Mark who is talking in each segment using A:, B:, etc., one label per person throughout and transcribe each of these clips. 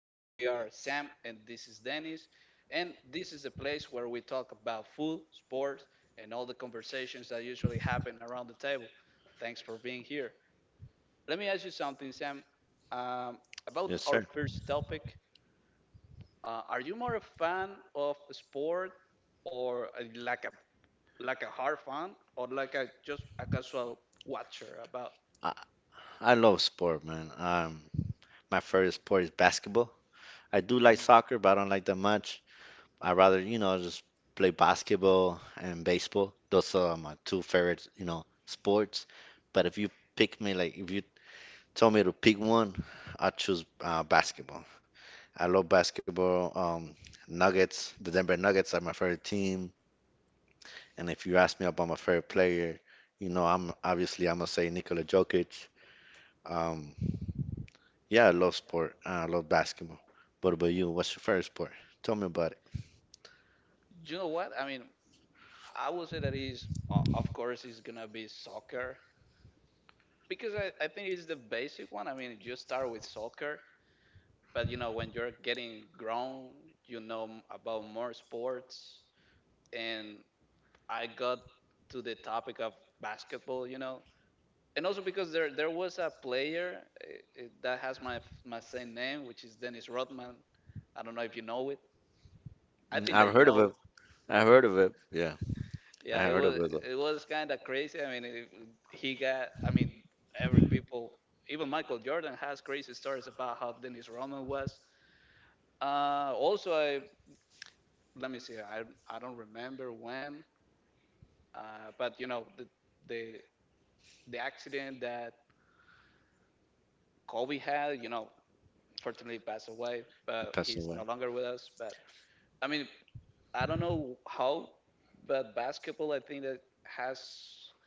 A: And we are Sam, and this is Dennis. And this is a place where we talk about food, sports, and all the conversations that usually happen around the table. Thanks for being here. Let me ask you something, Sam. Um, about
B: Yes,
A: our
B: sir.
A: first topic, are you more a fan of sport or like a hard fan or like a just a casual watcher about?
B: I, I love sport, man. My favorite sport is basketball. I do like
A: Mm,
B: soccer, but I don't like that much. I rather, just play basketball and baseball. Those are my two favorite, sports. But if you pick me, like if you tell me to pick one, I choose basketball. I love basketball. The Denver Nuggets are my favorite team. And if you ask me about my favorite player, you know, I'm obviously I'm gonna say Nikola Jokic. Um, yeah, I love sport. I love basketball. What about you? What's your favorite sport? Tell me about it.
A: You know what? I mean, I would say that is, of course, is gonna be soccer because I think it's the basic one. I mean, you start with soccer, but when you're getting grown, about more sports, and I got to the topic of basketball, and also because there was a player that has my same name, which is Dennis Rodman. I don't know if you know it. I
B: Mm,
A: think that
B: I've
A: you
B: heard of
A: know.
B: it. I've heard of it. Yeah, I
A: Yeah, it
B: heard of
A: was
B: it though.
A: it was kind of crazy. I mean, if he got. I mean, every people, even Michael Jordan has crazy stories about how Dennis Rodman was. Also, I let me see. I don't remember when, but you know the the accident that Kobe had. Fortunately passed away,
B: It
A: but
B: passed
A: he's no
B: away.
A: longer with us. But I mean, I don't know how, but basketball I think that has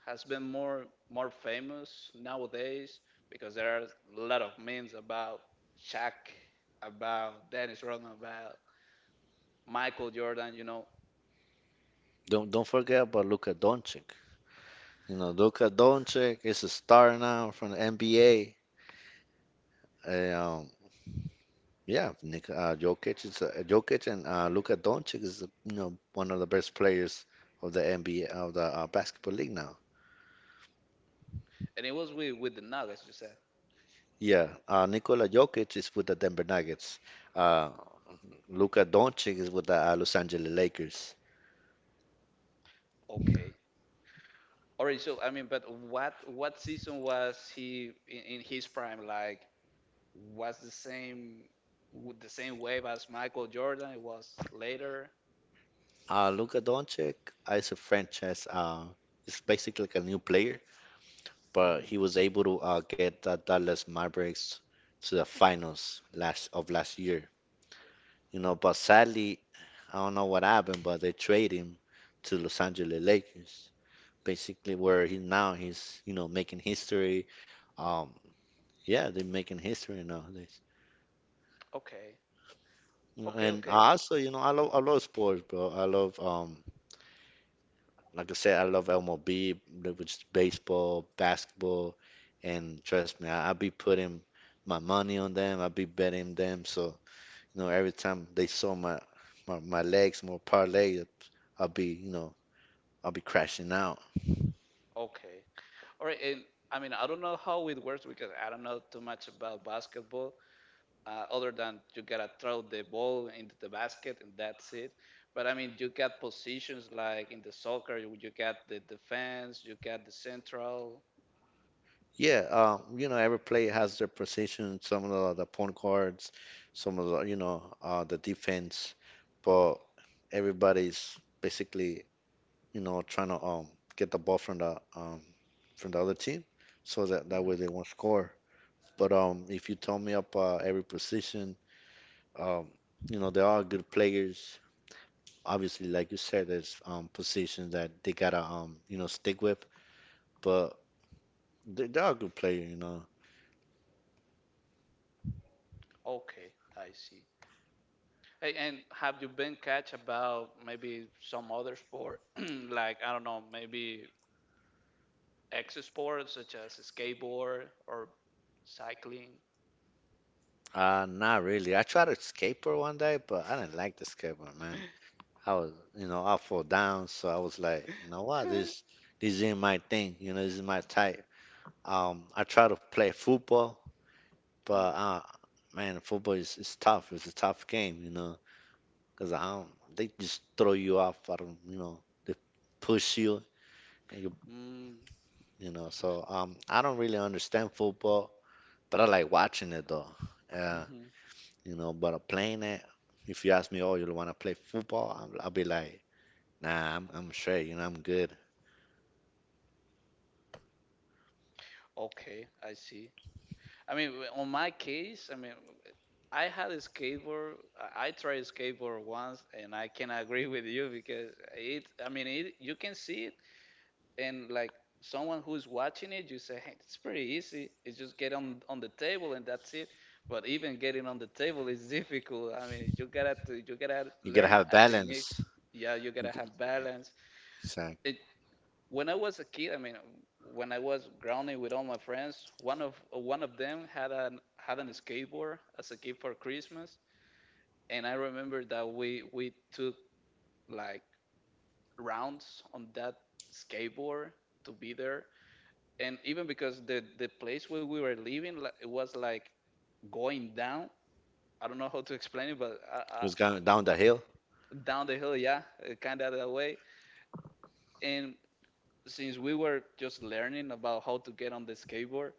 A: has been more famous nowadays because there are a lot of memes about Shaq, about Dennis Rodman, about Michael Jordan.
B: Don't forget about Luka Doncic. Luka Doncic is a star now from the NBA. And, yeah, Jokic and Luka Doncic is one of the best players of the NBA of the basketball league now.
A: And it was with the Nuggets. You said
B: Yeah, Nikola Jokic is with the Denver Nuggets. Uh, Luka Doncic is with the Los Angeles Lakers.
A: okay, all right. So I mean, but what season was he in his prime? Like was the same with the same wave as Michael Jordan? It was later.
B: Luka Doncic is a franchise. It's basically like a new player, but he
A: Hmm.
B: was able to get the Dallas Mavericks to the finals last year. But sadly, I don't know what happened, but they trade him to Los Angeles Lakers. Basically, where he now he's making history. Um, yeah, they're making history nowadays.
A: Okay,
B: You know,
A: okay,
B: and
A: okay.
B: I also, I love sports, bro. I love Like I said, I love MLB, which is baseball, basketball, and trust me, I be putting my money on them. I be betting them. So, every time they saw my legs, more parlay, I'll be, you know, I'll be crashing out.
A: Okay. All right. And I mean, I don't know how it works because I don't know too much about basketball, other than you gotta throw the ball into the basket and that's it. But I mean, you got positions like in the soccer, you got the defense, you got the central.
B: Yeah, every player has their position, some of the point guards, some of the defense, but everybody's basically trying to get the ball from the other team, so that way
A: Hmm.
B: they won't score. But if you tell me up every position, um, they are good players. Obviously, like you said, there's positions that they gotta stick with, but they are a good player.
A: Okay, I see. Hey, and have you been catch about maybe some other sport, like I don't know, maybe X sports such as skateboard or cycling?
B: Not really. I tried to skateboard one day, but I didn't like the skateboard, man. I fall down, so I was like, you know what, this ain't my thing, this is my type. I try to play football, but man, football is tough. It's a tough game, because they just throw you off. I don't, they push you, and you,
A: Mm.
B: you know.
A: Mm.
B: So I don't really understand football, but I like watching it though. Uh,
A: Hmm.
B: but playing it, if you ask me, oh, you want to play football? I'll be like, nah, I'm straight. I'm good.
A: Okay, I see. I mean, on my case, I mean, I had a skateboard. I tried skateboard once, and I can agree with you because it. I mean, it. You can see it, and like someone who's watching it, you say, "Hey, it's pretty easy. It's just get on the table, and that's it." But even getting on the table is difficult. I mean, you gotta
B: You gotta
A: learn
B: have
A: a technique.
B: balance.
A: Yeah, you
B: You
A: gotta
B: g-
A: have balance.
B: It's like,
A: It, when I was a kid, I mean, when I was grounding with all my friends, one of them had an skateboard as a gift for Christmas, and I remember that we took like rounds on that skateboard to be there, and even because the place where we were living, like, it was like going down. I don't know how to explain it, but
B: it's going down the hill.
A: down the hill, yeah, kind of that way. And since we were just learning about how to get on the skateboard,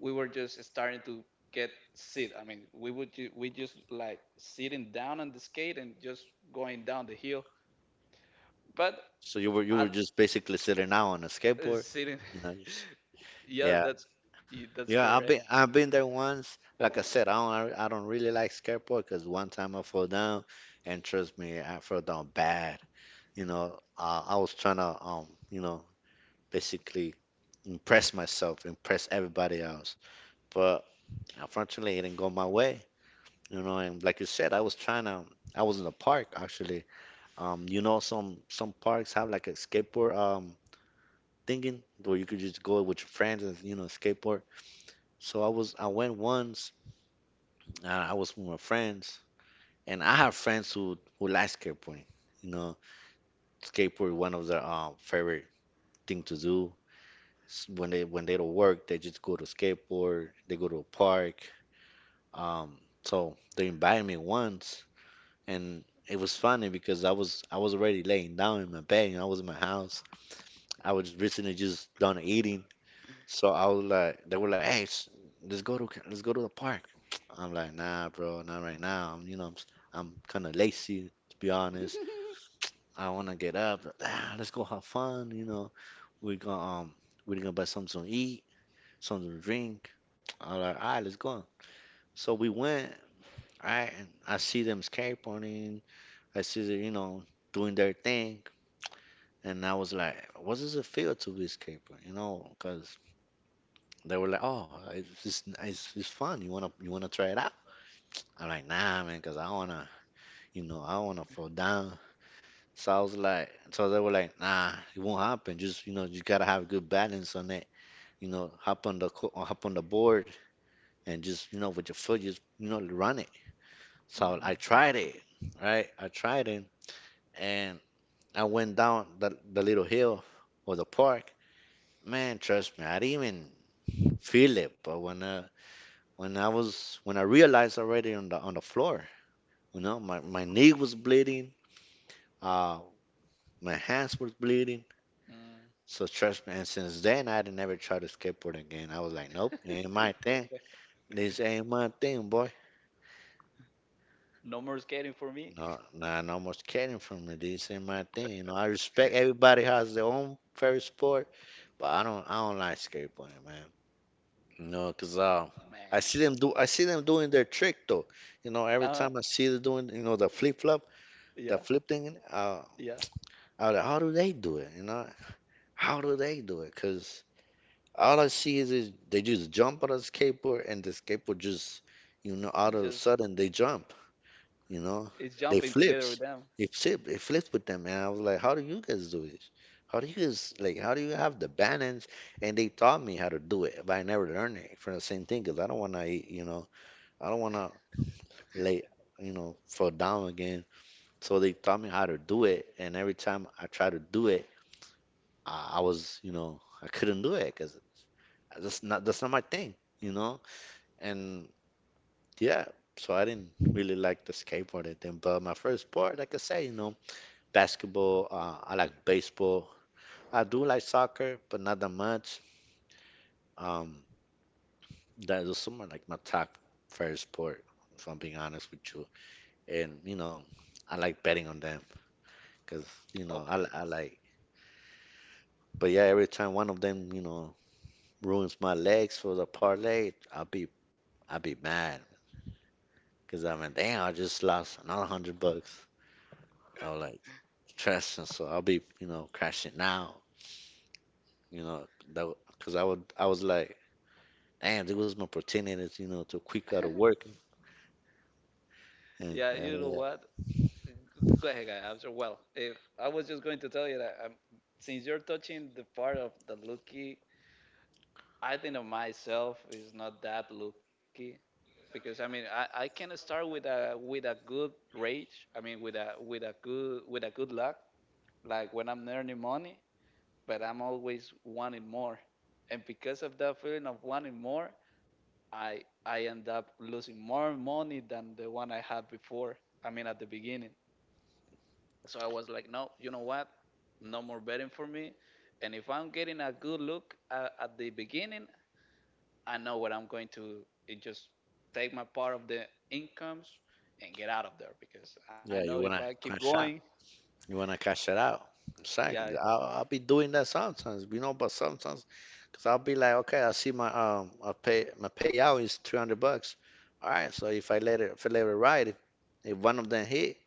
A: we were just starting to get sit. I mean, we just like sitting down on the skate and just going down the hill. But
B: So you were you
A: I
B: were just basically sitting out on a skateboard,
A: sitting,
B: you know? Just,
A: yeah,
B: yeah,
A: that's that's
B: yeah. I've
A: correct.
B: been I've been there once. Like I said, I don't really like skateboard because one time I fell down, and trust me, I fell down bad. I was trying to basically impress myself, impress everybody else, but unfortunately, it didn't go my way. And like you said, I was trying to. I was in a park actually. Some parks have like a skateboard thinking where you could just go with your friends and skateboard. So I went once. I was with my friends, and I have friends who like skateboarding. You know, skateboard one of their favorite thing to do. When they don't work, they just go to skateboard. They go to a park. Um, so they invited me once, and it was funny because I was already laying down in my bed and I was in my house. I was recently just done eating, so they were like, "Hey, let's go to the park." I'm like, "Nah, bro, not right now. I'm, you know, I'm s- I'm kind of lazy to be honest. I want to get up. Ah, let's go have fun. We gonna we're gonna buy something to eat, something to drink." I'm like, "All right, let's go." So we went. Right, and I see them skateboarding. I see them, doing their thing. And I was like, what does it feel to be skateboarding? Because they were like, "Oh, it's fun. You wanna try it out?" I'm like, "Nah, man, 'cause I wanna fall down." So they were like, "Nah, it won't happen. Just you gotta have good balance on it. Hop on the board and just with your foot, just run it." So
A: Hmm.
B: I tried it, right? I tried it, and I went down the little hill or the park. Man, trust me, I didn't even feel it, but when I realized already on the floor, my knee was bleeding, uh, my hands were bleeding.
A: Mm.
B: So trust me, and since then I didn't ever try to skateboard again. I was like, nope, ain't my thing. This ain't my thing, boy.
A: No more skating for me,
B: No, nah, no more skating for me. This ain't my thing. I respect everybody has their own favorite sport, but I don't like skateboarding, man. 'Cause
A: man.
B: I see them doing their trick though. Every
A: Uh,
B: time I see them doing, the flip flop,
A: yeah,
B: the flip thing,
A: yeah.
B: I was like, how do they do it? How do they do it? Because all I see is they just jump on a skateboard and the skateboard just, out
A: Just
B: of a sudden they jump, you know,
A: it's
B: they
A: jumping together with
B: flips,
A: them.
B: it flip, it flips with them. And I was like, how do you guys do this? How do you guys like? How do you have the balance? And they taught me how to do it, but I never learned it for the same thing. Cause I don't wanna lay, fall down again. So they taught me how to do it, and every time I try to do it I was, you know, I couldn't do it because that's not my thing, you know. And yeah, so I didn't really like the skateboarding thing. But my first sport, like I say, basketball. I like baseball. I do like soccer, but not that much. Um, that is some of like my top first sport, if I'm being honest with you. And I like betting on them because I
A: Okay.
B: I like. But yeah, every time one of them, ruins my legs for the parlay, I'll be mad. Cause I mean, damn, I just lost another 100 bucks. I was like, trust and so I'll be, crashing now, you know, that cause I was like, damn, this was my opportunity, to quick out of work, and
A: Yeah,
B: yeah,
A: you know
B: yeah,
A: what? Go ahead, guys. Well, if I was just going to tell you that since you're touching the part of the lucky, I think of myself is not that lucky because I mean I can start with a good rage. I mean with a good luck, like when I'm earning money, but I'm always wanting more, and because of that feeling of wanting more, I end up losing more money than the one I had before. I mean at the beginning. So I was like, no, you know what? No more betting for me. And if I'm getting a good look at the beginning, I know what I'm going to it just take my part of the incomes and get out of there because I know
B: yeah, you
A: if I
B: wanna
A: keep
B: cash
A: going,
B: out, you wanna cash it out. It's like
A: yeah.
B: I'll be doing that sometimes, but sometimes, cause I'll be like, okay, I pay my payout is 300 bucks. All right, so if I let it ride, if one of them hit.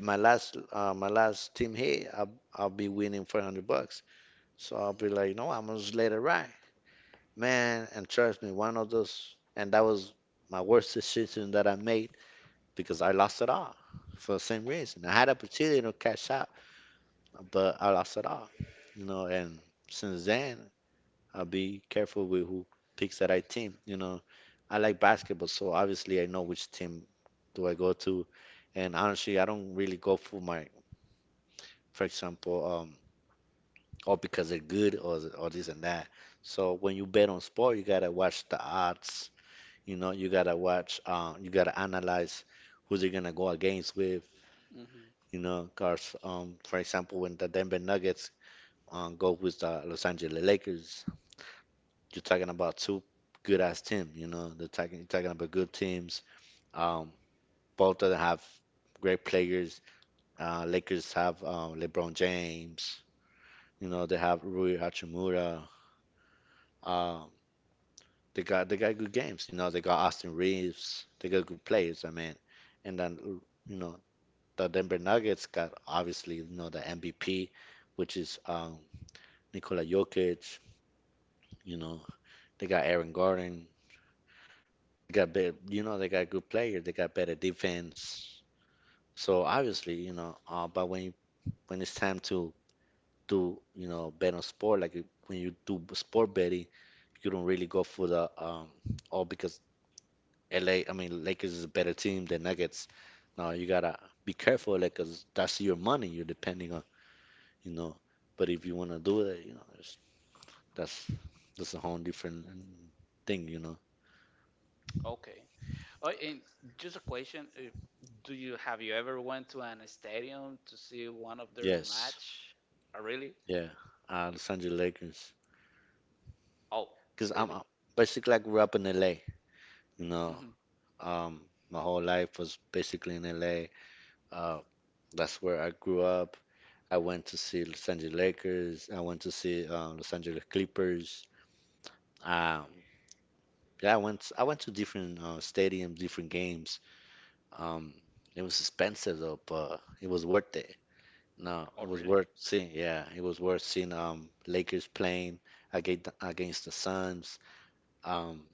B: My last team hit, I'll be winning 400 bucks. So I'll be like, no, I'm gonna just let it ride, man. And trust me, one of those, and that was my worst decision that I made because I lost it all for the same reason. I had opportunity to cash out, but I lost it all. And since then, I'll be careful with who picks the right team. I like basketball, so obviously I know which team do I go to. And honestly, I don't really go for my, for example, or because they're good or this and that. So when you bet on sport, you gotta watch the odds. You gotta watch. You gotta analyze who they're gonna go against with.
A: Hmm.
B: You know, cause for example, when the Denver Nuggets go with the Los Angeles Lakers, you're talking about two good ass team. You know, they're talking you're talking about good teams. Um, both of them have great players. Lakers have LeBron James. You know, they have Rui Hachimura. Um, they got good games. You know, they got Austin Reeves. They got good players. I mean, and then you know the Denver Nuggets got obviously the MVP, which is Nikola Jokic. You know, they got Aaron Gordon. They got they got good players. They got better defense. So obviously, but when it's time to do bet on sport, like when you do sport betting, you don't really go for the all because LA, I mean, Lakers is a better team than Nuggets. Now you gotta be careful of that because that's your money you're depending on, you know. But if you want to do it, that's that's a whole different thing.
A: Okay. Oh, and just a question: Do you have you ever went to an stadium to see one of their
B: Yes,
A: match? Oh, really?
B: yeah, Los Angeles Lakers.
A: Oh,
B: Because I'm
A: really?
B: basically I grew up in LA, you know.
A: Hmm.
B: Um, my whole life was basically in LA. Uh, that's where I grew up. I went to see Los Angeles Lakers. I went to see Los Angeles Clippers. Um, Yeah, I went to different stadiums, different games. Um, it was expensive though, but it was worth it. No, it
A: Oh,
B: was
A: really?
B: worth seeing. Yeah, it was worth seeing Lakers playing against the Suns. Um,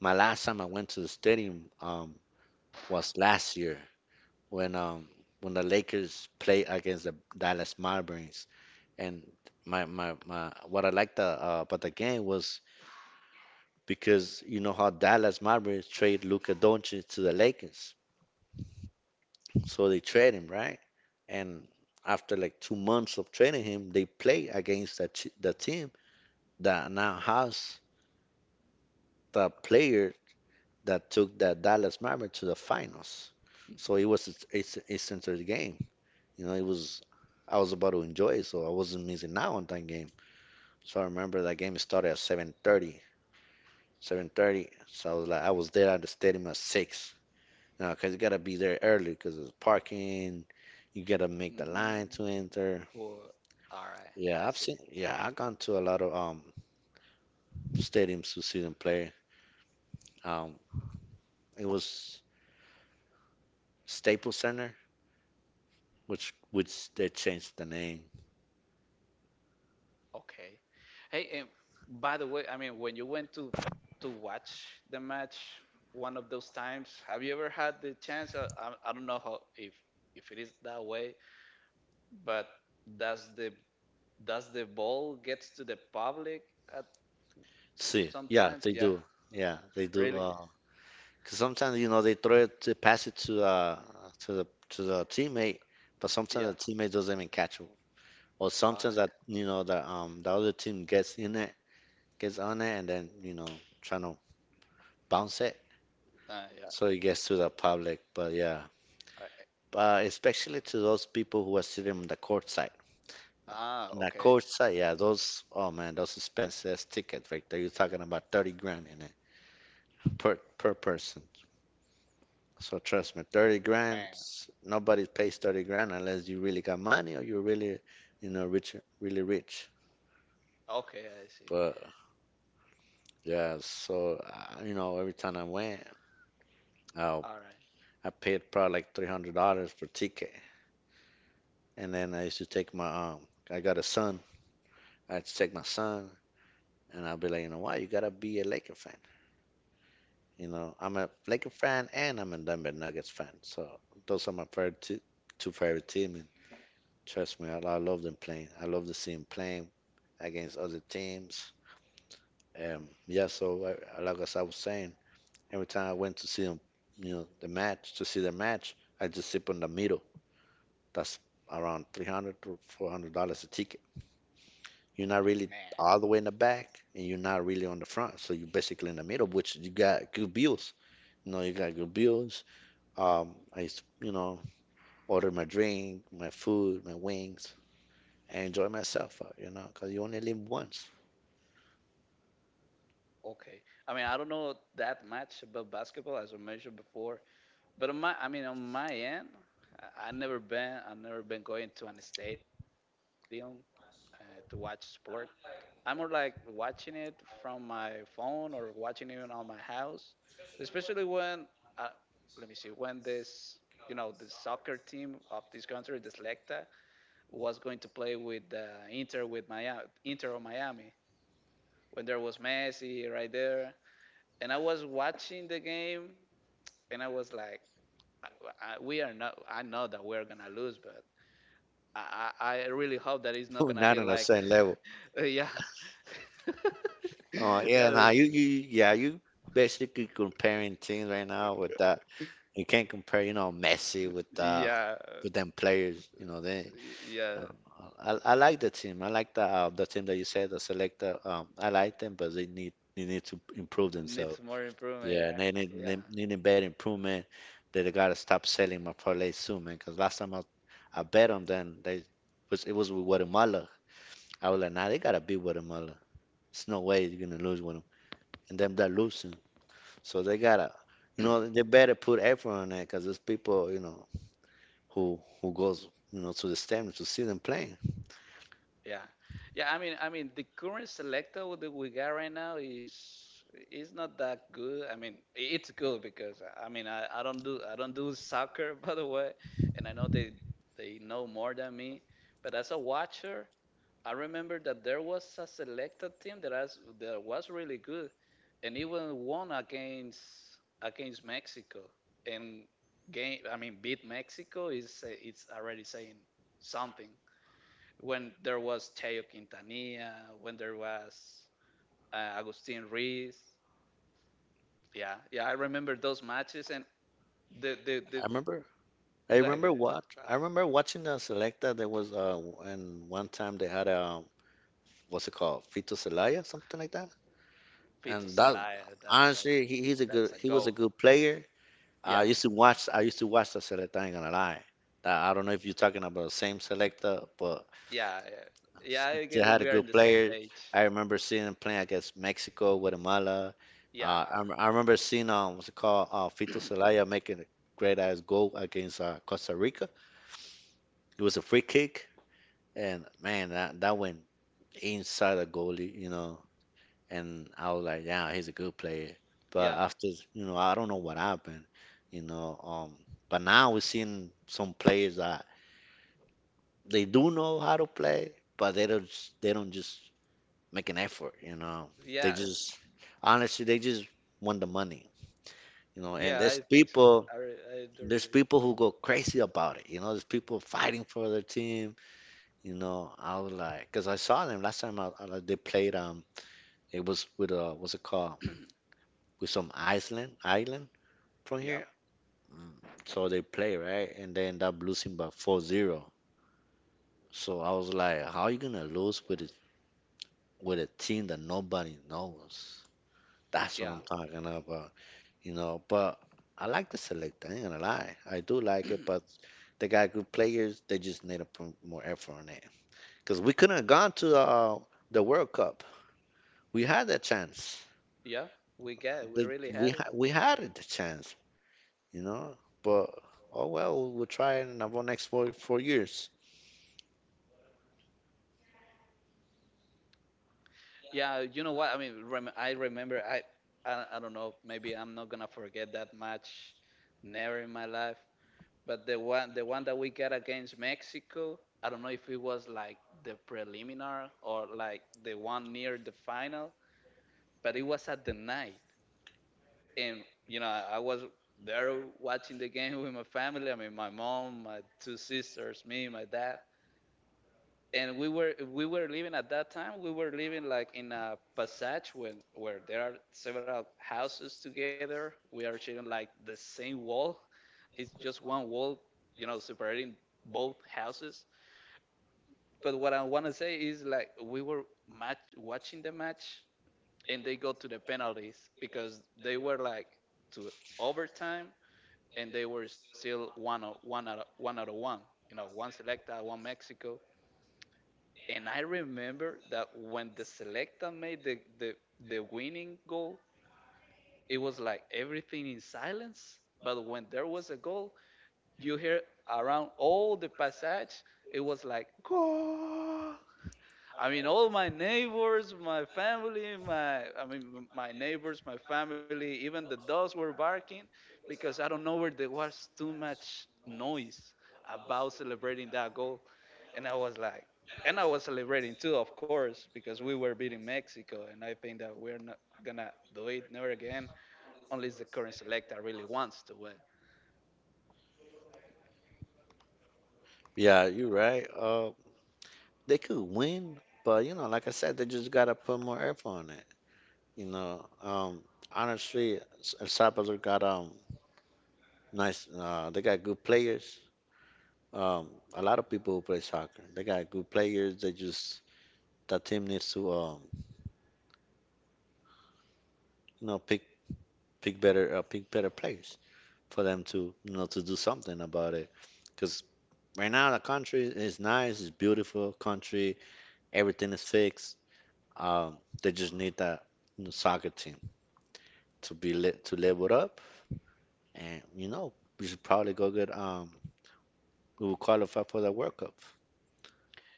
B: my last time I went to the stadium was last year when when the Lakers played against the Dallas Mavericks. And my my, my what I liked about the game was because you know how Dallas Mavericks trade Luka Doncic to the Lakers. So they train him, right? And after like 2 months of training him, they play against the team that now has the player that took the Dallas Maverick to the finals. So it was its entire game. You know, it was I was about to enjoy it, so I wasn't missing out on that game. So I remember that game started at 7:30, 7:30. So I was like, I was there at the stadium at 6. You know, cause you gotta be there early because there's parking. You gotta make the
A: Mm,
B: line to enter.
A: Well, all right.
B: Yeah,
A: I
B: I've
A: see.
B: seen. Yeah, I've gone to a lot of stadiums to see them play. Um, it was Staples Center, which they changed the name.
A: Okay. Hey, and by the way, I mean, when you went to watch the match one of those times, have you ever had the chance? I don't know how if it is that way, but does the does the ball get to the public at
B: See, yeah,
A: sometimes?
B: they
A: Yeah.
B: do. Yeah, they do.
A: Really?
B: 'Cause sometimes they throw it, they pass it to the teammate, but sometimes
A: Yeah.
B: the teammate doesn't even catch it, or
A: All
B: sometimes
A: right.
B: that you know the other team gets in it, gets on it, and then trying to bounce it,
A: Yeah.
B: so it gets to the public. But yeah,
A: All right.
B: especially to those people who are sitting on the court side.
A: Ah,
B: The
A: okay.
B: court side, oh man, those expensive tickets right there. You're talking about 30 grand in it per person. So trust me, 30 grand,
A: Man.
B: nobody pays 30 grand unless you really got money or you're really, rich, really rich.
A: Okay, I see.
B: But yeah, so, every time I went, I,
A: All right.
B: I paid probably like $300 per ticket. And then I used to I got a son. I had to take my son. And I'll be like, you know why? You gotta be a Laker fan. You know, I'm a Laker fan and I'm a Denver Nuggets fan. So those are my favorite two favorite teams. And trust me, I love them playing. I love to see them playing against other teams. Yeah. Like as I was saying, every time I went to see them, you know, the match to see the match, I just sip on the middle. That's around $300 or $400 a ticket. You're not really
A: Man.
B: all the way in the back, and you're not really on the front. So you're basically in the middle, which you got good views. No, you got good bills. I order my drink, my food, my wings, and enjoy myself. You know, because you only live once.
A: Okay. I mean, I don't know that much about basketball, as I mentioned before. But I mean, on my end, I never been going to an stadium uh, to watch sport. I'm more like watching it from my phone or watching it on my house, especially when, uh, let me see, when this, the soccer team of this country, the Selecta, was going to play with Inter with Miami, Inter of Miami, when there was Messi right there, and I was watching the game, and I was like I, we are not. I know that we're gonna lose, but I really hope that it's not gonna
B: Not
A: be
B: on the
A: like,
B: same level.
A: yeah,
B: Uh, yeah, now
A: yeah,
B: you basically comparing things right now with that. You can't compare, Messi with uh
A: yeah,
B: with them players. You know, they.
A: yeah.
B: Um, I like the team. I like the team that you said, the selector. I like them, but they need to improve
A: Needs
B: themselves.
A: more improvement. Yeah,
B: Yeah, and they
A: yeah,
B: need, they need a better improvement. They gotta stop selling my parlay soon, man. Cause last time I bet on them, they was it was with Guatemala. I was like, nah, they gotta beat Guatemala. There's no way you're gonna lose with them, and them they're losing. So they gotta, they better put effort on that, cause there's people, who goes, to the stadium to see them playing.
A: yeah. Yeah, I mean, the current selector that we got right now is not that good. I mean, it's good because I mean, I don't do soccer by the way, and I know they know more than me. But as a watcher, I remember that there was a selected team that was really good, and even won against Mexico. And game, I mean, beat Mexico is it's already saying something. When there was Teo Quintanilla, when there was Agustin Ruiz, yeah, yeah, I remember those matches and the the
B: I
A: the
B: remember. I
A: like
B: remember what I remember watching the Selecta. There was and one time they had a what's it called, Fito Celaya, something like that.
A: Vito
B: And that
A: Celaya. That's
B: honestly,
A: like that's a
B: he was a
A: goal.
B: good player. I
A: Yeah,
B: used to watch I used to watch the Selecta. I ain't gonna lie. I don't know if you're talking about the same Selecta, but
A: yeah, yeah. Yeah, I
B: they
A: guess
B: had a
A: we are
B: good
A: on the same
B: player.
A: page.
B: I remember seeing him playing against Mexico, Guatemala.
A: Yeah,
B: I remember seeing what's it called, Fito Celaya making a great ass goal against Costa Rica. It was a free kick, and man, that went inside the goalie. You know, and I was like, yeah, he's a good player. But
A: yeah,
B: after, I don't know what happened, you know. Um, but now we're seeing some players that they do know how to play, but they don't just make an effort. They
A: yeah,
B: just Honestly, they just want the money. And
A: yeah.
B: there's
A: I think so.
B: people
A: I do
B: there's
A: really.
B: people who go crazy about it. There's people fighting for their team. I was like, because I saw them last time I they played. It was with what's it called? With some Iceland Ireland. From
A: Yeah,
B: here? Mm. So they play, right? And they end up losing by 4-0. So I was like, how are you gonna lose with a team that nobody knows? That's what
A: yeah,
B: I'm talking about. But I like the select, I ain't gonna lie. I do like it, but they got good players. They just need to put more effort on it. Because we couldn't have gone to the World Cup. We had the chance.
A: yeah. We get. We
B: The,
A: really
B: we,
A: had
B: ha
A: it.
B: We had the chance, you know. But, oh well, we'll try it in about next four years.
A: Yeah, you know what? I mean, I remember. I don't know. Maybe I'm not gonna forget that match. Never in my life. But the one that we got against Mexico. I don't know if it was like the preliminar or like the one near the final. But it was at the night. And you know I was there watching the game with my family. I mean, my mom, my two sisters, me, my dad, and we were living at that time. We were living like in a passage when where there are several houses together. We are sharing like the same wall. It's just one wall, you know, separating both houses. But what I want to say is like we were match watching the match and they go to the penalties because they were like to overtime and they were still one out of one. One Selecta, one Mexico. And I remember that when the Selecta made the winning goal, it was like everything in silence. But when there was a goal, you hear around all the passage, it was like goal. I mean, all my neighbors, my family, my I mean, my neighbors, my family, even the dogs were barking because I don't know where there was too much noise about celebrating that goal, and I was like, and I was celebrating too, of course, because we were beating Mexico, and I think that we're not gonna do it never again unless the current selector really wants to win.
B: Yeah, you're right. They could win, but like I said, they just gotta put more effort on it. You know, um, Honestly, El Salvador got nice. They got good players. Um, a lot of people who play soccer, they got good players. They just that team needs to you know, pick pick better players for them to to do something about it. Because right now the country is nice, it's beautiful country. Everything is fixed. They just need that new soccer team to be lit to level up, and we should probably go get we will qualify for the World Cup.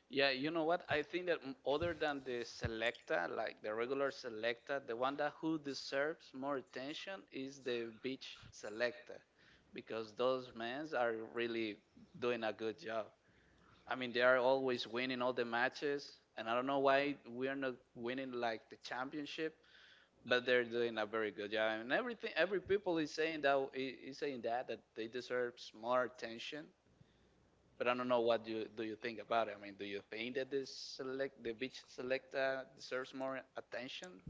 A: Yeah, you know what? I think that other than the selecta, like the regular selecta, the one that who deserves more attention is the beach selecta, because those men are really doing a good job. I mean, they are always winning all the matches, and I don't know why we are not winning like the championship, but they're doing a very good job. And everything, every people is saying that they deserves more attention, but I don't know what you do you think about it. I mean, do you think that this select the beach select deserves more attention?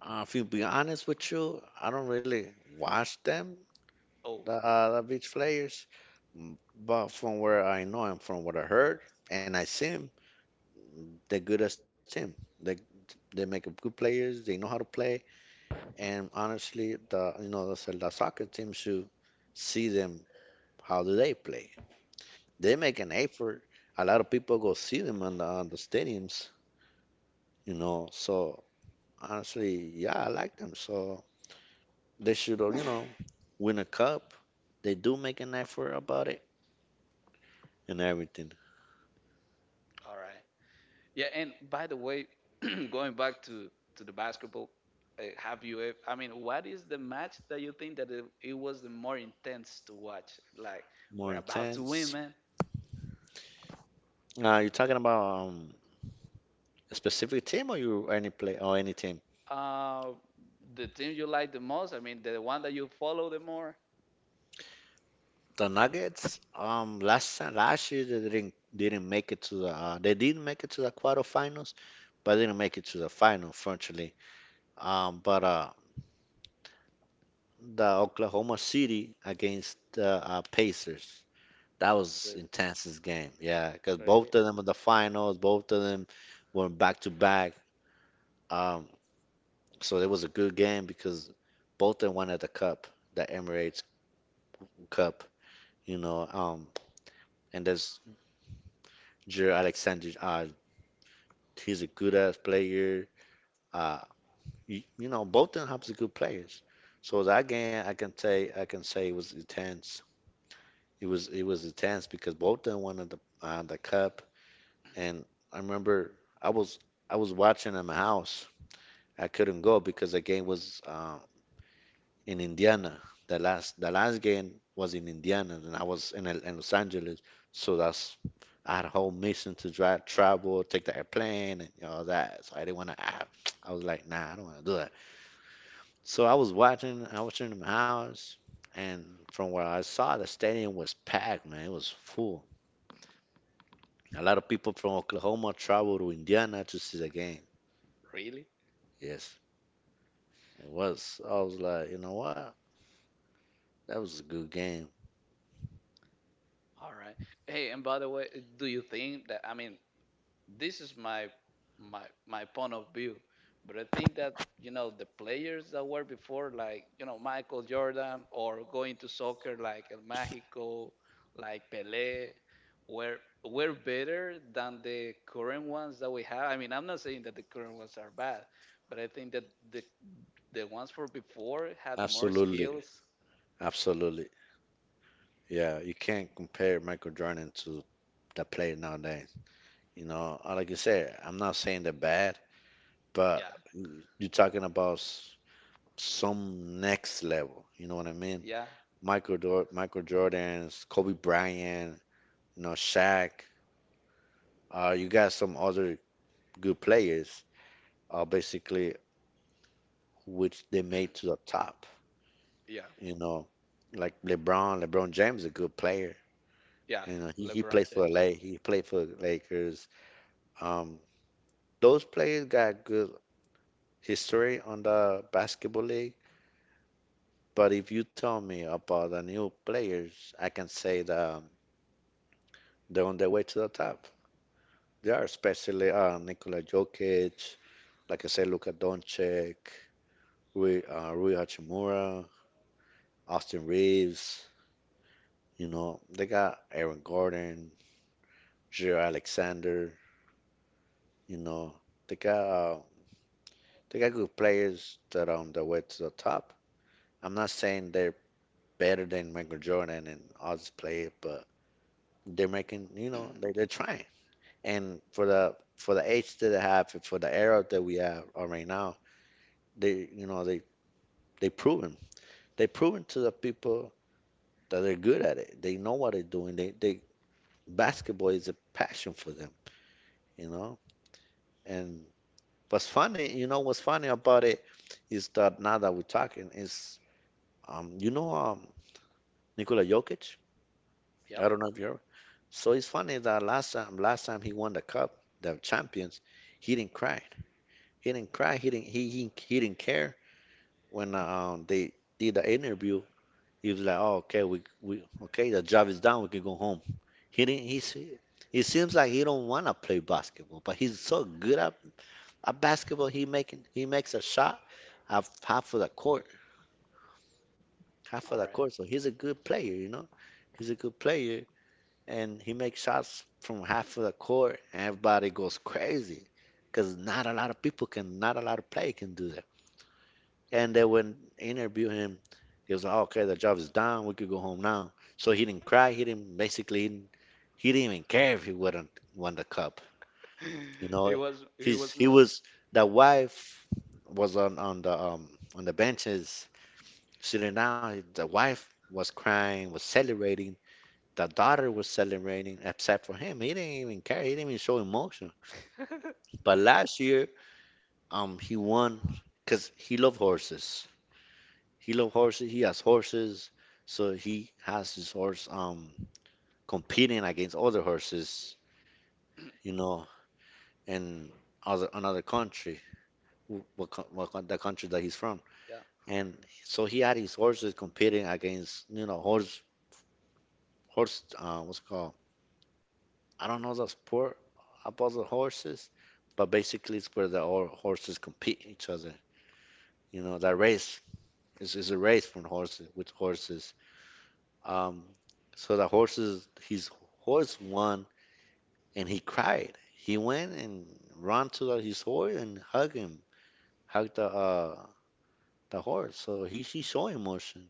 B: If you be honest with you, I don't really watch them
A: Oh,
B: the uh, the beach players, but from where I know and from what I heard and I seen, they're good as team. They make up good players. They know how to play, and honestly, the soccer team should see them how do they play they make an effort. A lot of people go see them on the stadiums. So honestly, yeah, I like them. So they should, win a cup. They do make an effort about it and everything.
A: all right. Yeah, and by the way, going back to the basketball, have you? What is the match that you think that it was the more intense to watch? Like
B: More
A: we're about to win,
B: intense.
A: man.
B: You're talking about a specific team or you any play or any team?
A: Uh, the team you like the most. I mean, the one that you follow the more.
B: The Nuggets. Last time, last year they didn't make it to the. They did make it to the quarterfinals, but they didn't make it to the final, fortunately. But the Oklahoma City against the Pacers. That was intensest game, yeah, because both of them in the finals, both of them were back to back. Um, so it was a good game because both of them won at the cup, the Emirates Cup, you know. And there's Jair Alexander, he's a good ass player. Uh, both of them have good players. So that game, I can say it was intense. It was intense because both them won on the cup, and I remember I was I was watching in my house. I couldn't go because the game was in Indiana. The last game was in Indiana, and I was in Los Angeles, so that's I had a whole mission to drive, travel, take the airplane, and all that. So I didn't want to. I was like, nah, I don't want to do that. So I was watching, I was in my house, and from where I saw, the stadium was packed, man. It was full. A lot of people from Oklahoma traveled to Indiana to see the game.
A: Really?
B: Yes, it was. I was like, you know what? That was a good game.
A: All right. Hey, and by the way, do you think that? I mean, this is my point of view. But I think that you know the players that were before, like you know, Michael Jordan, or going to soccer like El Magico, like Pelé, were were better than the current ones that we have. I mean, I'm not saying that the current ones are bad, but I think that the the ones for before had more
B: Absolutely.
A: skills.
B: Absolutely. Yeah, you can't compare Michael Jordan to the player nowadays. You know, like you said, I'm not saying they're bad, but
A: Yeah,
B: you're talking about some next level. You know what I mean?
A: yeah,
B: Michael Jordan's, Kobe Bryant, you know, Shaq. You got some other good players. Basically, which they made to the top.
A: yeah,
B: You know, like LeBron, LeBron James is a good player.
A: yeah.
B: You know, he plays
A: LeBron
B: for
A: James.
B: LA, he played for the Lakers. Um, those players got good history on the basketball league. But if you tell me about the new players, I can say that they're on their way to the top. They are, especially Nikola Jokic, like I said, Luka Doncic, Rui Hachimura, Austin Reeves. You know, they got Aaron Gordon, Gio Alexander. You know, they got uh, they got good players that on the way to the top. I'm not saying they're better than Michael Jordan and all these players, but they're making, they're trying. And for the age that they have, and for the era that we have right now, they you know they they proven they proven to the people that they're good at it. They know what they're doing. They basketball is a passion for them, you know. And what's funny about it is that now that we're talking is, um, you know, um, Nikola Jokic.
A: Yep.
B: I don't know if you're. So it's funny that last time he won the cup, the champions, he didn't cry. He didn't cry. He didn't. He didn't care when they did the interview. He was like, "Oh, okay, we okay, the job is done. We can go home." He didn't. He's. He seems like he don't want to play basketball, but he's so good at basketball. He makes a shot at half of the court half of
A: All
B: the
A: right.
B: court. So he's a good player. He's a good player, and he makes shots from half of the court. And everybody goes crazy because not a lot of people can, not a lot of play can do that. And then when interview him, he was like, "Okay, the job is done. We could go home now." So he didn't cry. He didn't. Basically, he didn't even care if he wouldn't won the cup. You know,
A: it was it
B: he's
A: was
B: he
A: more.
B: was the wife was on the benches sitting down. The wife was crying, was celebrating. The daughter was celebrating, except for him. He didn't even care. He didn't even show emotion. But last year, he won because he loved horses. He loved horses. He has horses, so he has his horse competing against other horses, you know, in other another country, the country that he's from.
A: Yeah.
B: And so he had his horses competing against, you know, horse horse what's it called? I don't know the sport about the horses, but basically it's where the horses compete each other. You know, that race is a race from horses with horses. Um, so the horses, his horse won, and he cried. He went and ran to his horse, and hugged him, hugged the horse. So he showed emotion.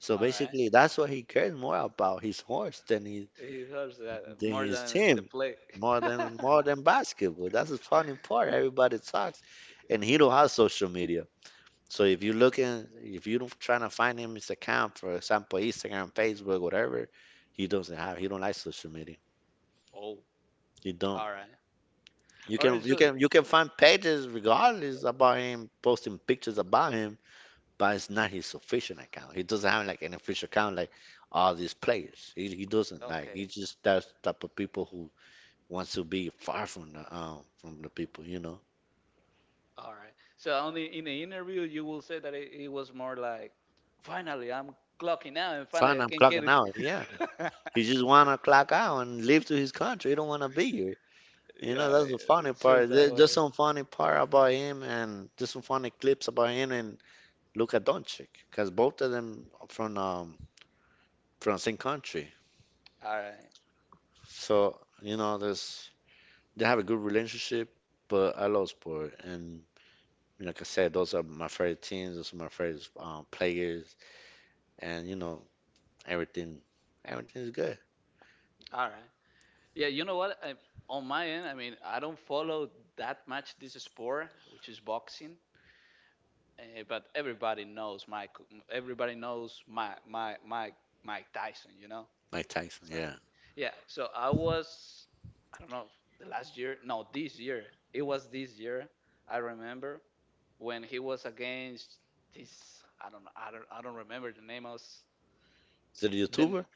B: So
A: All right.
B: basically, that's what he cared more about his horse than he
A: He hurts that
B: than
A: more
B: his
A: than the
B: team,
A: play.
B: more than more than basketball. That's the funny part. Everybody talks, and he don't have social media. So if you looking, if you don't trying to find him his account, for example, Instagram, Facebook, whatever, he doesn't have. He don't like social media.
A: Oh,
B: He don't.
A: all right.
B: You
A: All right.
B: can you
A: So,
B: can you can find pages regardless about him posting pictures about him, but it's not his official account. He doesn't have like an official account like all these players. He doesn't like. He
A: okay.
B: just that type of people who wants to be far from the people. You know.
A: All right. So, only in the interview, you will say that it was more like, finally, I'm clocking out and finally
B: Fine,
A: I
B: I'm
A: can get
B: clocking
A: it.
B: out. Yeah. He just want to clock out and leave to his country. He don't want to be here. You know,
A: Yeah.
B: that's the funny
A: It sounds
B: part.
A: that
B: There's
A: way.
B: some funny part about him, and just some funny clips about him and Luka Doncic because both of them are from same country.
A: All right.
B: So, you know, there's they have a good relationship, but I love sport. And like I said, those are my favorite teams, those are my favorite players, and everything, everything is good.
A: All right. Yeah. You know what? I, on my end, I mean, I don't follow that much this sport, which is boxing. But everybody knows Mike. Everybody knows my Mike Tyson. You know.
B: Mike Tyson, yeah.
A: Yeah. So I was, I don't know, the last year. No, this year. It was this year. I remember when he was against this. I don't know. I don't remember the name of. s-
B: Is it a
A: Then
B: YouTuber?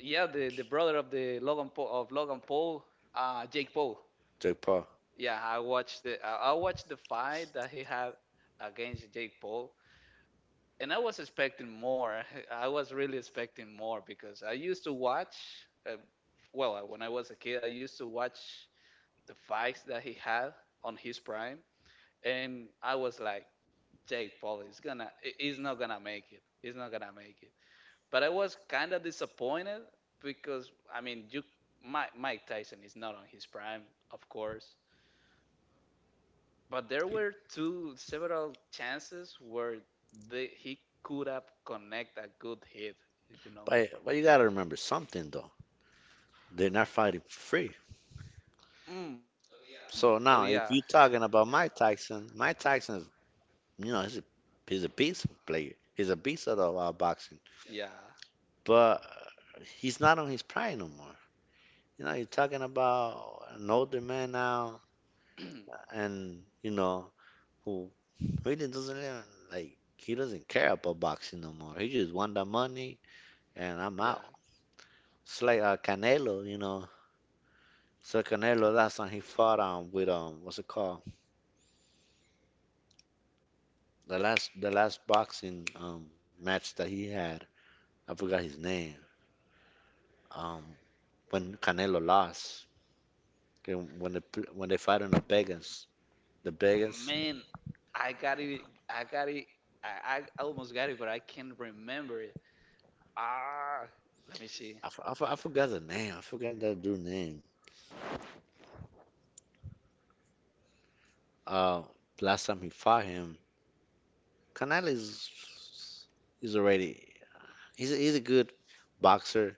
A: yeah, the brother of Logan Paul, Jake Paul.
B: Jake Paul.
A: Yeah, I watched the I watched the fight that he had against Jake Paul, and I was expecting more. I was really expecting more because I used to watch, uh, when I was a kid, I used to watch the fights that he had on his prime, and I was like, Jake Paul is gonna, he's not gonna make it. He's not gonna make it. But I was kind of disappointed because I mean, you, Mike Tyson is not on his prime, of course. But there were two several chances where he could have connect a good hit, you know.
B: But you gotta remember something though. They're not fighting for free.
A: Mm, oh yeah,
B: So now, if you're talking about Mike Tyson, is, you know, he's a beast player. He's a beast of the boxing,
A: yeah,
B: but he's not on his prime no more. You know, you're talking about an older man now, and who really doesn't even, like, he doesn't care about boxing no more. He just want the money, and I'm
A: yeah.
B: out. It's like Canelo, you know. So Canelo, last time he fought with what's it called? The last boxing match that he had, I forgot his name. Um, when Canelo lost, and when they when they fight on the
A: M-
B: Vegas, the Vegas,
A: Man, I got it. I got it. I almost got it, but I can't remember it. Ah, let me see.
B: I forgot the name. I forgot that dude's name. Uh, Last time he fought him, Canelo is he's already he's a good boxer.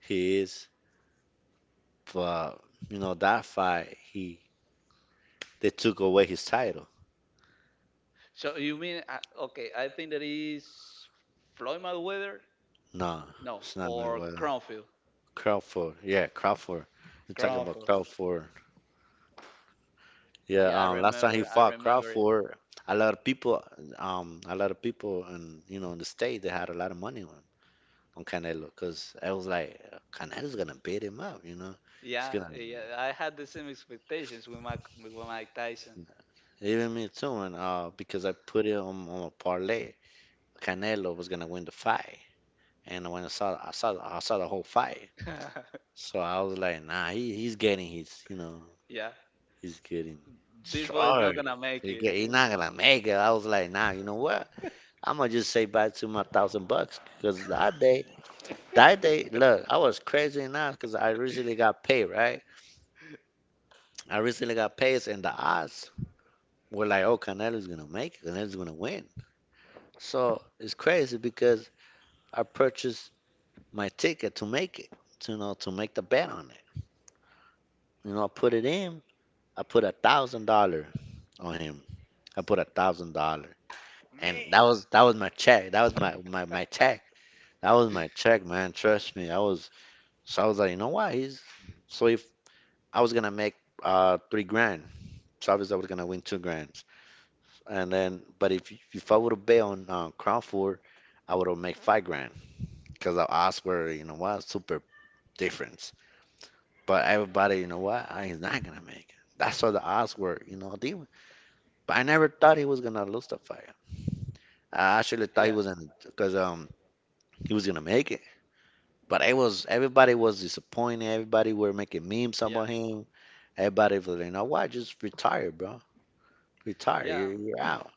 B: He is, but you know that fight he they took away his title.
A: So you mean okay? I think that is Floyd Mayweather.
B: No,
A: No,
B: it's not
A: or
B: Mayweather.
A: Cronfield.
B: Crawford. Yeah, Crawford. You're talking about
A: Cronfield.
B: Crawford. Yeah,
A: Yeah, I
B: last time he
A: remember. I
B: fought
A: remember it.
B: Crawford, a lot of people, a lot of people, in the state, they had a lot of money on Canelo, because I was like, Canelo's gonna beat him up, you know, he's
A: Yeah,
B: gonna,
A: yeah, I had the same expectations with Mike Tyson.
B: even me too, and because I put it on a parlay, Canelo was gonna win the fight, and when I saw the whole fight, so I was like, nah, he's getting his, you know,
A: Yeah,
B: He's getting
A: this boy is not
B: destroyed.
A: gonna make
B: He
A: it.
B: get, he's
A: He's-
B: not gonna make it. I was like, nah, you know what? I'm gonna just say bye to my 1,000 bucks, because that day, look, I was crazy enough because I recently got paid, right? I recently got paid, and the odds were like, oh, Canelo's gonna make it. Canelo's gonna win. So it's crazy because I purchased my ticket to make it, to make the bet on it. You know, I put it in. I put $1,000 on him. I put $1,000. And that
A: Man.
B: was that was my check. That was my check, That was my check, man. Trust me. I was like, you know what? He's so if I was gonna make 3 grand, so obviously I was gonna win 2 grand. And then, but if I would have bet on Crown Four, I would have made 5 grand, because the odds were, you know what, super difference. But everybody, you know what, I he's not gonna make it. That's what the odds were. But I never thought he was gonna lose the fight. I
A: Yeah,
B: actually thought he was in because he was gonna make it. But it was everybody was disappointed. Everybody were making memes
A: yeah,
B: about him. Everybody was like, you know what? Just retire, bro. Retire.
A: yeah,
B: You're out.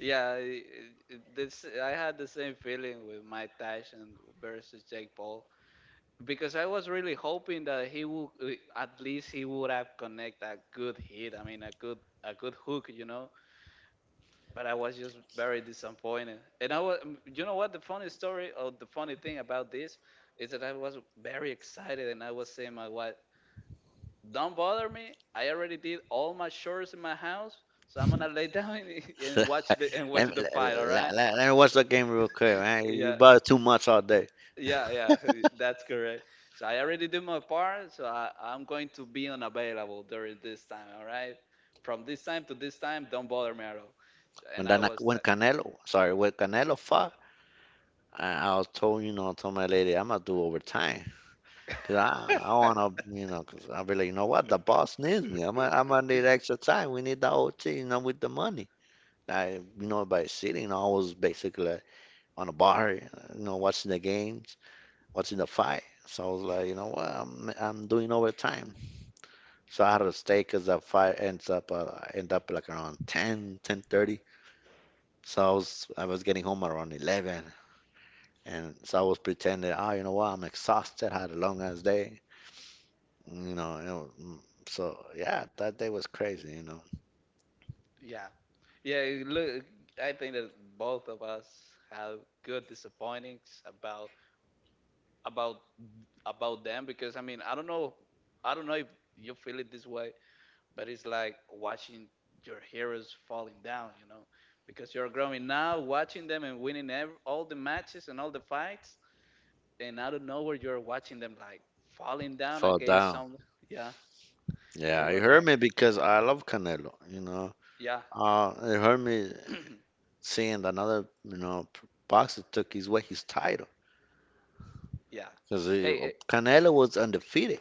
A: yeah. This I had the same feeling with Mike Tyson versus Jake Paul because I was really hoping that he would, at least he would have connect a good hit. I mean, a good hook, you know. But I was just very disappointed. And I was, you know what, the funny story or the funny thing about this is that I was very excited and I was saying my wife, "Don't bother me. I already did all my chores in my house, so I'm gonna lay down and, and watch
B: let, me,
A: the
B: let,
A: fight. All
B: let-
A: right?
B: let- let me watch the game real quick, man. You
A: Yeah."
B: bother too much all day.
A: Yeah, yeah, that's correct. So I already did my part, so I'm going to be unavailable during this time, all right? From this time to this time, don't bother me at all. So-
B: When
A: And I
B: that,
A: was
B: when
A: like,
B: Canelo, sorry, when Canelo fought, I was told, you know, I told my lady, I'm gonna do overtime, cause I wanna, you know, cause I'll be like, you know what, the boss needs me. I'm gonna need extra time. We need the OT, you know, with the money. By sitting, I was basically on a bar, you know, watching the games, watching the fight. So I was like, you know what, I'm doing overtime. So I had to stay because the fight ends up end up like around 10, 10:30. So I was getting home around 11, and so I was pretending, oh, you know what, I'm exhausted. Had a long ass day, you know. You know mm. So yeah, that day was crazy, you know.
A: yeah, yeah, you look, I think that both of us have good disappointings about about them because I mean I don't know if you feel it this way, but it's like watching your heroes falling down, you know, because you're growing now, watching them and winning all the matches and all the fights, and out of nowhere you're watching them like falling down
B: Fall
A: against
B: down.
A: some yeah, and
B: Yeah,
A: it
B: it
A: was
B: hurt
A: like
B: me because I love Canelo.
A: yeah,
B: It hurt me seeing another, you know, boxer took his way his title
A: yeah.
B: because
A: Hey,
B: Canelo was undefeated.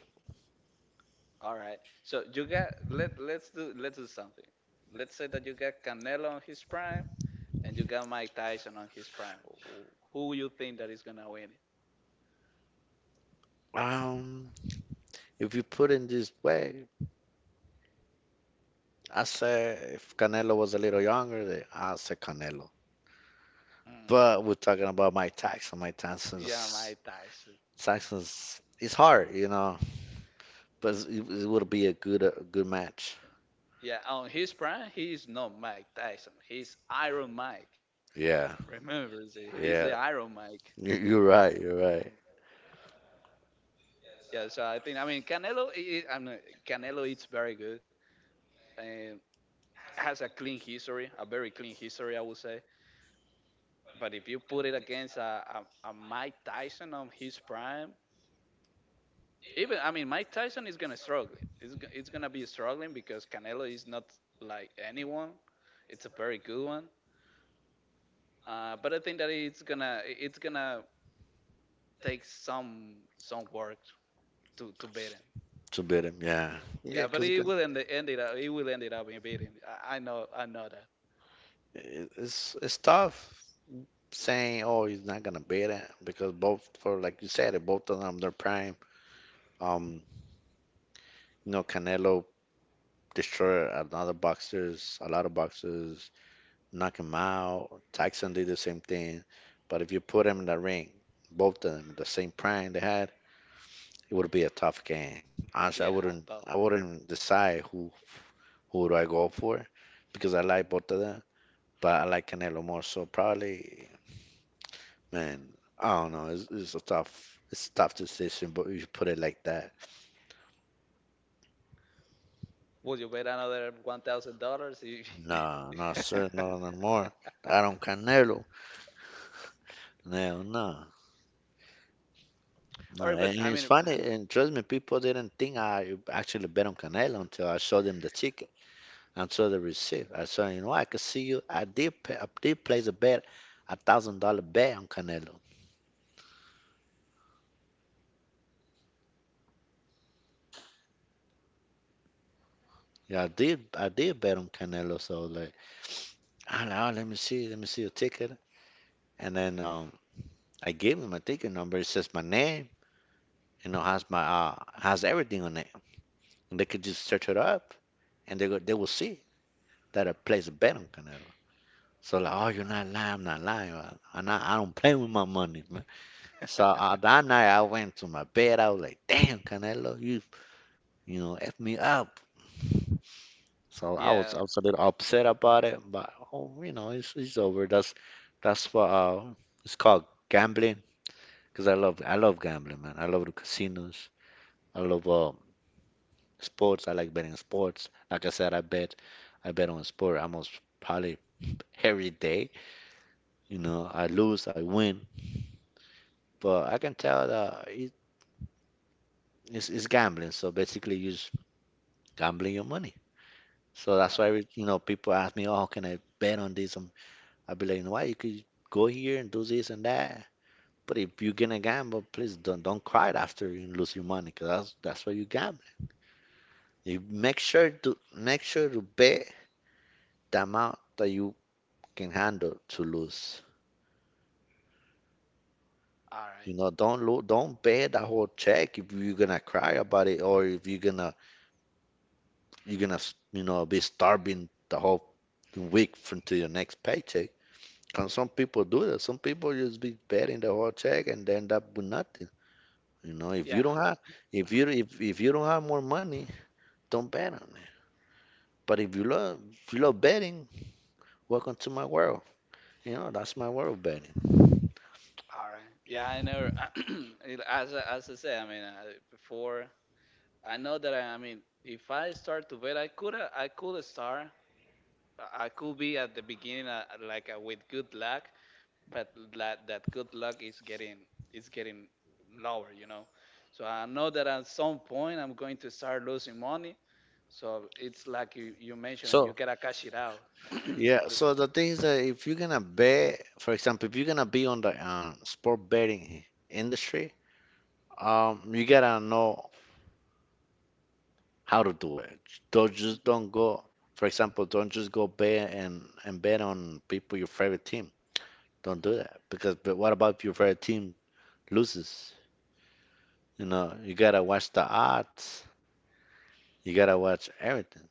A: all right. So you got let's do something. Let's say that you got Canelo on his prime and you got Mike Tyson on his prime. Who who you think that is gonna win it?
B: Um, if you put in this way, I say if Canelo was a little younger, then I say Canelo.
A: Hmm.
B: But we're talking about Mike Tyson. Mike
A: Yeah,
B: Tyson's
A: Mike Tyson.
B: Tyson's it's hard, you know, but it would be a good match.
A: Yeah, on his prime, he is not Mike Tyson. He's Iron Mike.
B: Yeah,
A: Remember, see, he's the
B: yeah.
A: Iron Mike.
B: You're right. You're right.
A: Yeah, so I think I mean Canelo. I'm not- Canelo. It's very good and has a clean history, a very clean history, I would say. But if you put it against a Mike Tyson on his prime, even I mean Mike Tyson is gonna struggle. It's gonna be struggling because Canelo is not like anyone. It's a very good one. But I think that it's gonna take some work to beat him.
B: To beat him, yeah, yeah,
A: Yeah, but
B: because
A: it will end, end it up. It will end it up in beating. I know that.
B: it's tough. Saying, "Oh, he's not gonna beat it," because both for like you said, it both of them they're prime. Um, you know, Canelo destroyed another boxers, a lot of boxers, knock him out. Tyson did the same thing, but if you put him in the ring, both of them the same prime they had, it would be a tough game. Honestly,
A: Yeah, I thought.
B: I wouldn't decide who do I go for, because I like both of them, but I like Canelo more. So probably man, I don't know. It's a tough decision, but you put it like that.
A: Would you bet another $1,000?
B: No, no, sir, no, no more. I don't Canelo. No, no,
A: All
B: no.
A: right, but
B: And
A: I
B: it's
A: mean, all
B: funny, and trust me, people didn't think I actually bet on Canelo until I showed them the ticket, until the receipt. I said, you know, I could see you. I did place a bet, $1,000 bet on Canelo. I did bet on Canelo. So like, I, like, oh, let me see your ticket, and then I gave him my ticket number. It says my name. You know, has my has everything on it. And they could just search it up, and they will see that I place a bet on Canelo. So like, oh, you're not
A: right.
B: lying, I'm not lying, and I, I'm not, I don't play with my money, man. So that night I went to my bed, I was like, damn, Canelo, you know, f me up. So I was
A: Yeah,
B: I was a little upset about it, but oh, you know, it's over. That's what it's called gambling, because I love gambling, man. I love the casinos. I love sports, I like betting on sports. Like I said, I bet on sport almost probably every day. You know, I lose, I win, but I can tell that it's gambling. So basically, you're just gambling your money. So that's
A: all
B: why
A: right.
B: you know people ask me, "Oh, how can I bet on this?" I'd be like, "You know what? You could go here and do this and that." But if you're gonna gamble, please don't cry after you lose your money, 'cause that's why you gamble. You make sure to bet the amount that you can handle to lose.
A: All right.
B: You know, don't pay the whole check if you're gonna cry about it or if you're gonna you know be starving the whole week from to your next paycheck. And some people do that. Some people just be paying the whole check and they end up with nothing. You know, if you
A: Yeah.
B: don't have if you don't have more money, don't bet on it. But if you love betting, welcome to my world. You know, that's my world betting.
A: All right. Yeah, I never. As I, as I say, I mean, I, before I know that I mean, if I start to bet, I could start. I could be at the beginning like with good luck, but that that good luck is getting it's getting lower, you know. So I know that at some point I'm going to start losing money. So it's like you mentioned, you
B: So
A: gotta cash it out.
B: yeah,
A: The-
B: so the thing is that if you're gonna bet, for example, if you're gonna be on the sport betting industry, you gotta know how to do it. Don't go, for example, don't just go bet and bet on people your favorite team. Don't do that because but what about if your favorite team loses? You know, you gotta watch the odds. You gotta watch everything.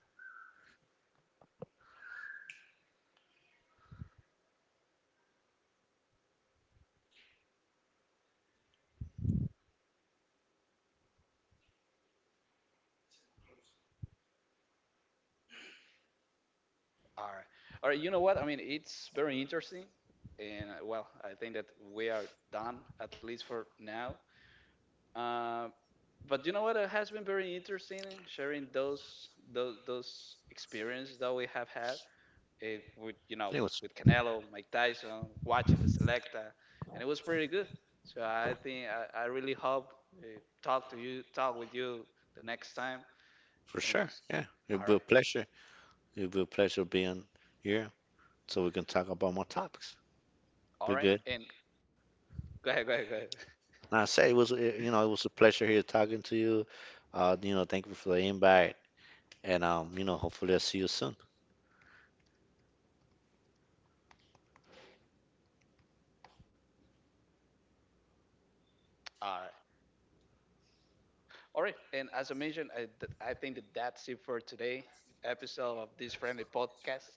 A: All right. All right. You know what? I mean, it's very interesting. And well, I think that we are done, at least for now. Uh, but you know what? It has been very interesting sharing those experiences that we have had with, you know,
B: Anyways,
A: with Canelo, Mike Tyson, watching the Selecta. And it was pretty good. So I think I really hope uh, talk to you, talk with you the next time.
B: for
A: And
B: sure, yeah. It
A: all
B: will
A: right.
B: pleasure. It will pleasure being here, so we can talk about more topics.
A: All
B: We're
A: right.
B: good.
A: And go ahead, go ahead.
B: Now, I say it was, it, you know, it was a pleasure here talking to you. You know, thank you for the invite, and you know, hopefully I'll see you soon.
A: All right. All right, and as I mentioned, I think that that's it for today episode of this friendly podcast.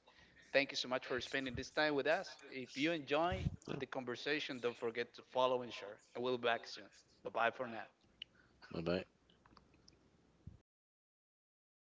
A: Thank you so much for spending this time with us. If you enjoy
B: Yeah.
A: the conversation, don't forget to follow and share. And we'll be back soon. Bye bye for now.
B: Bye bye.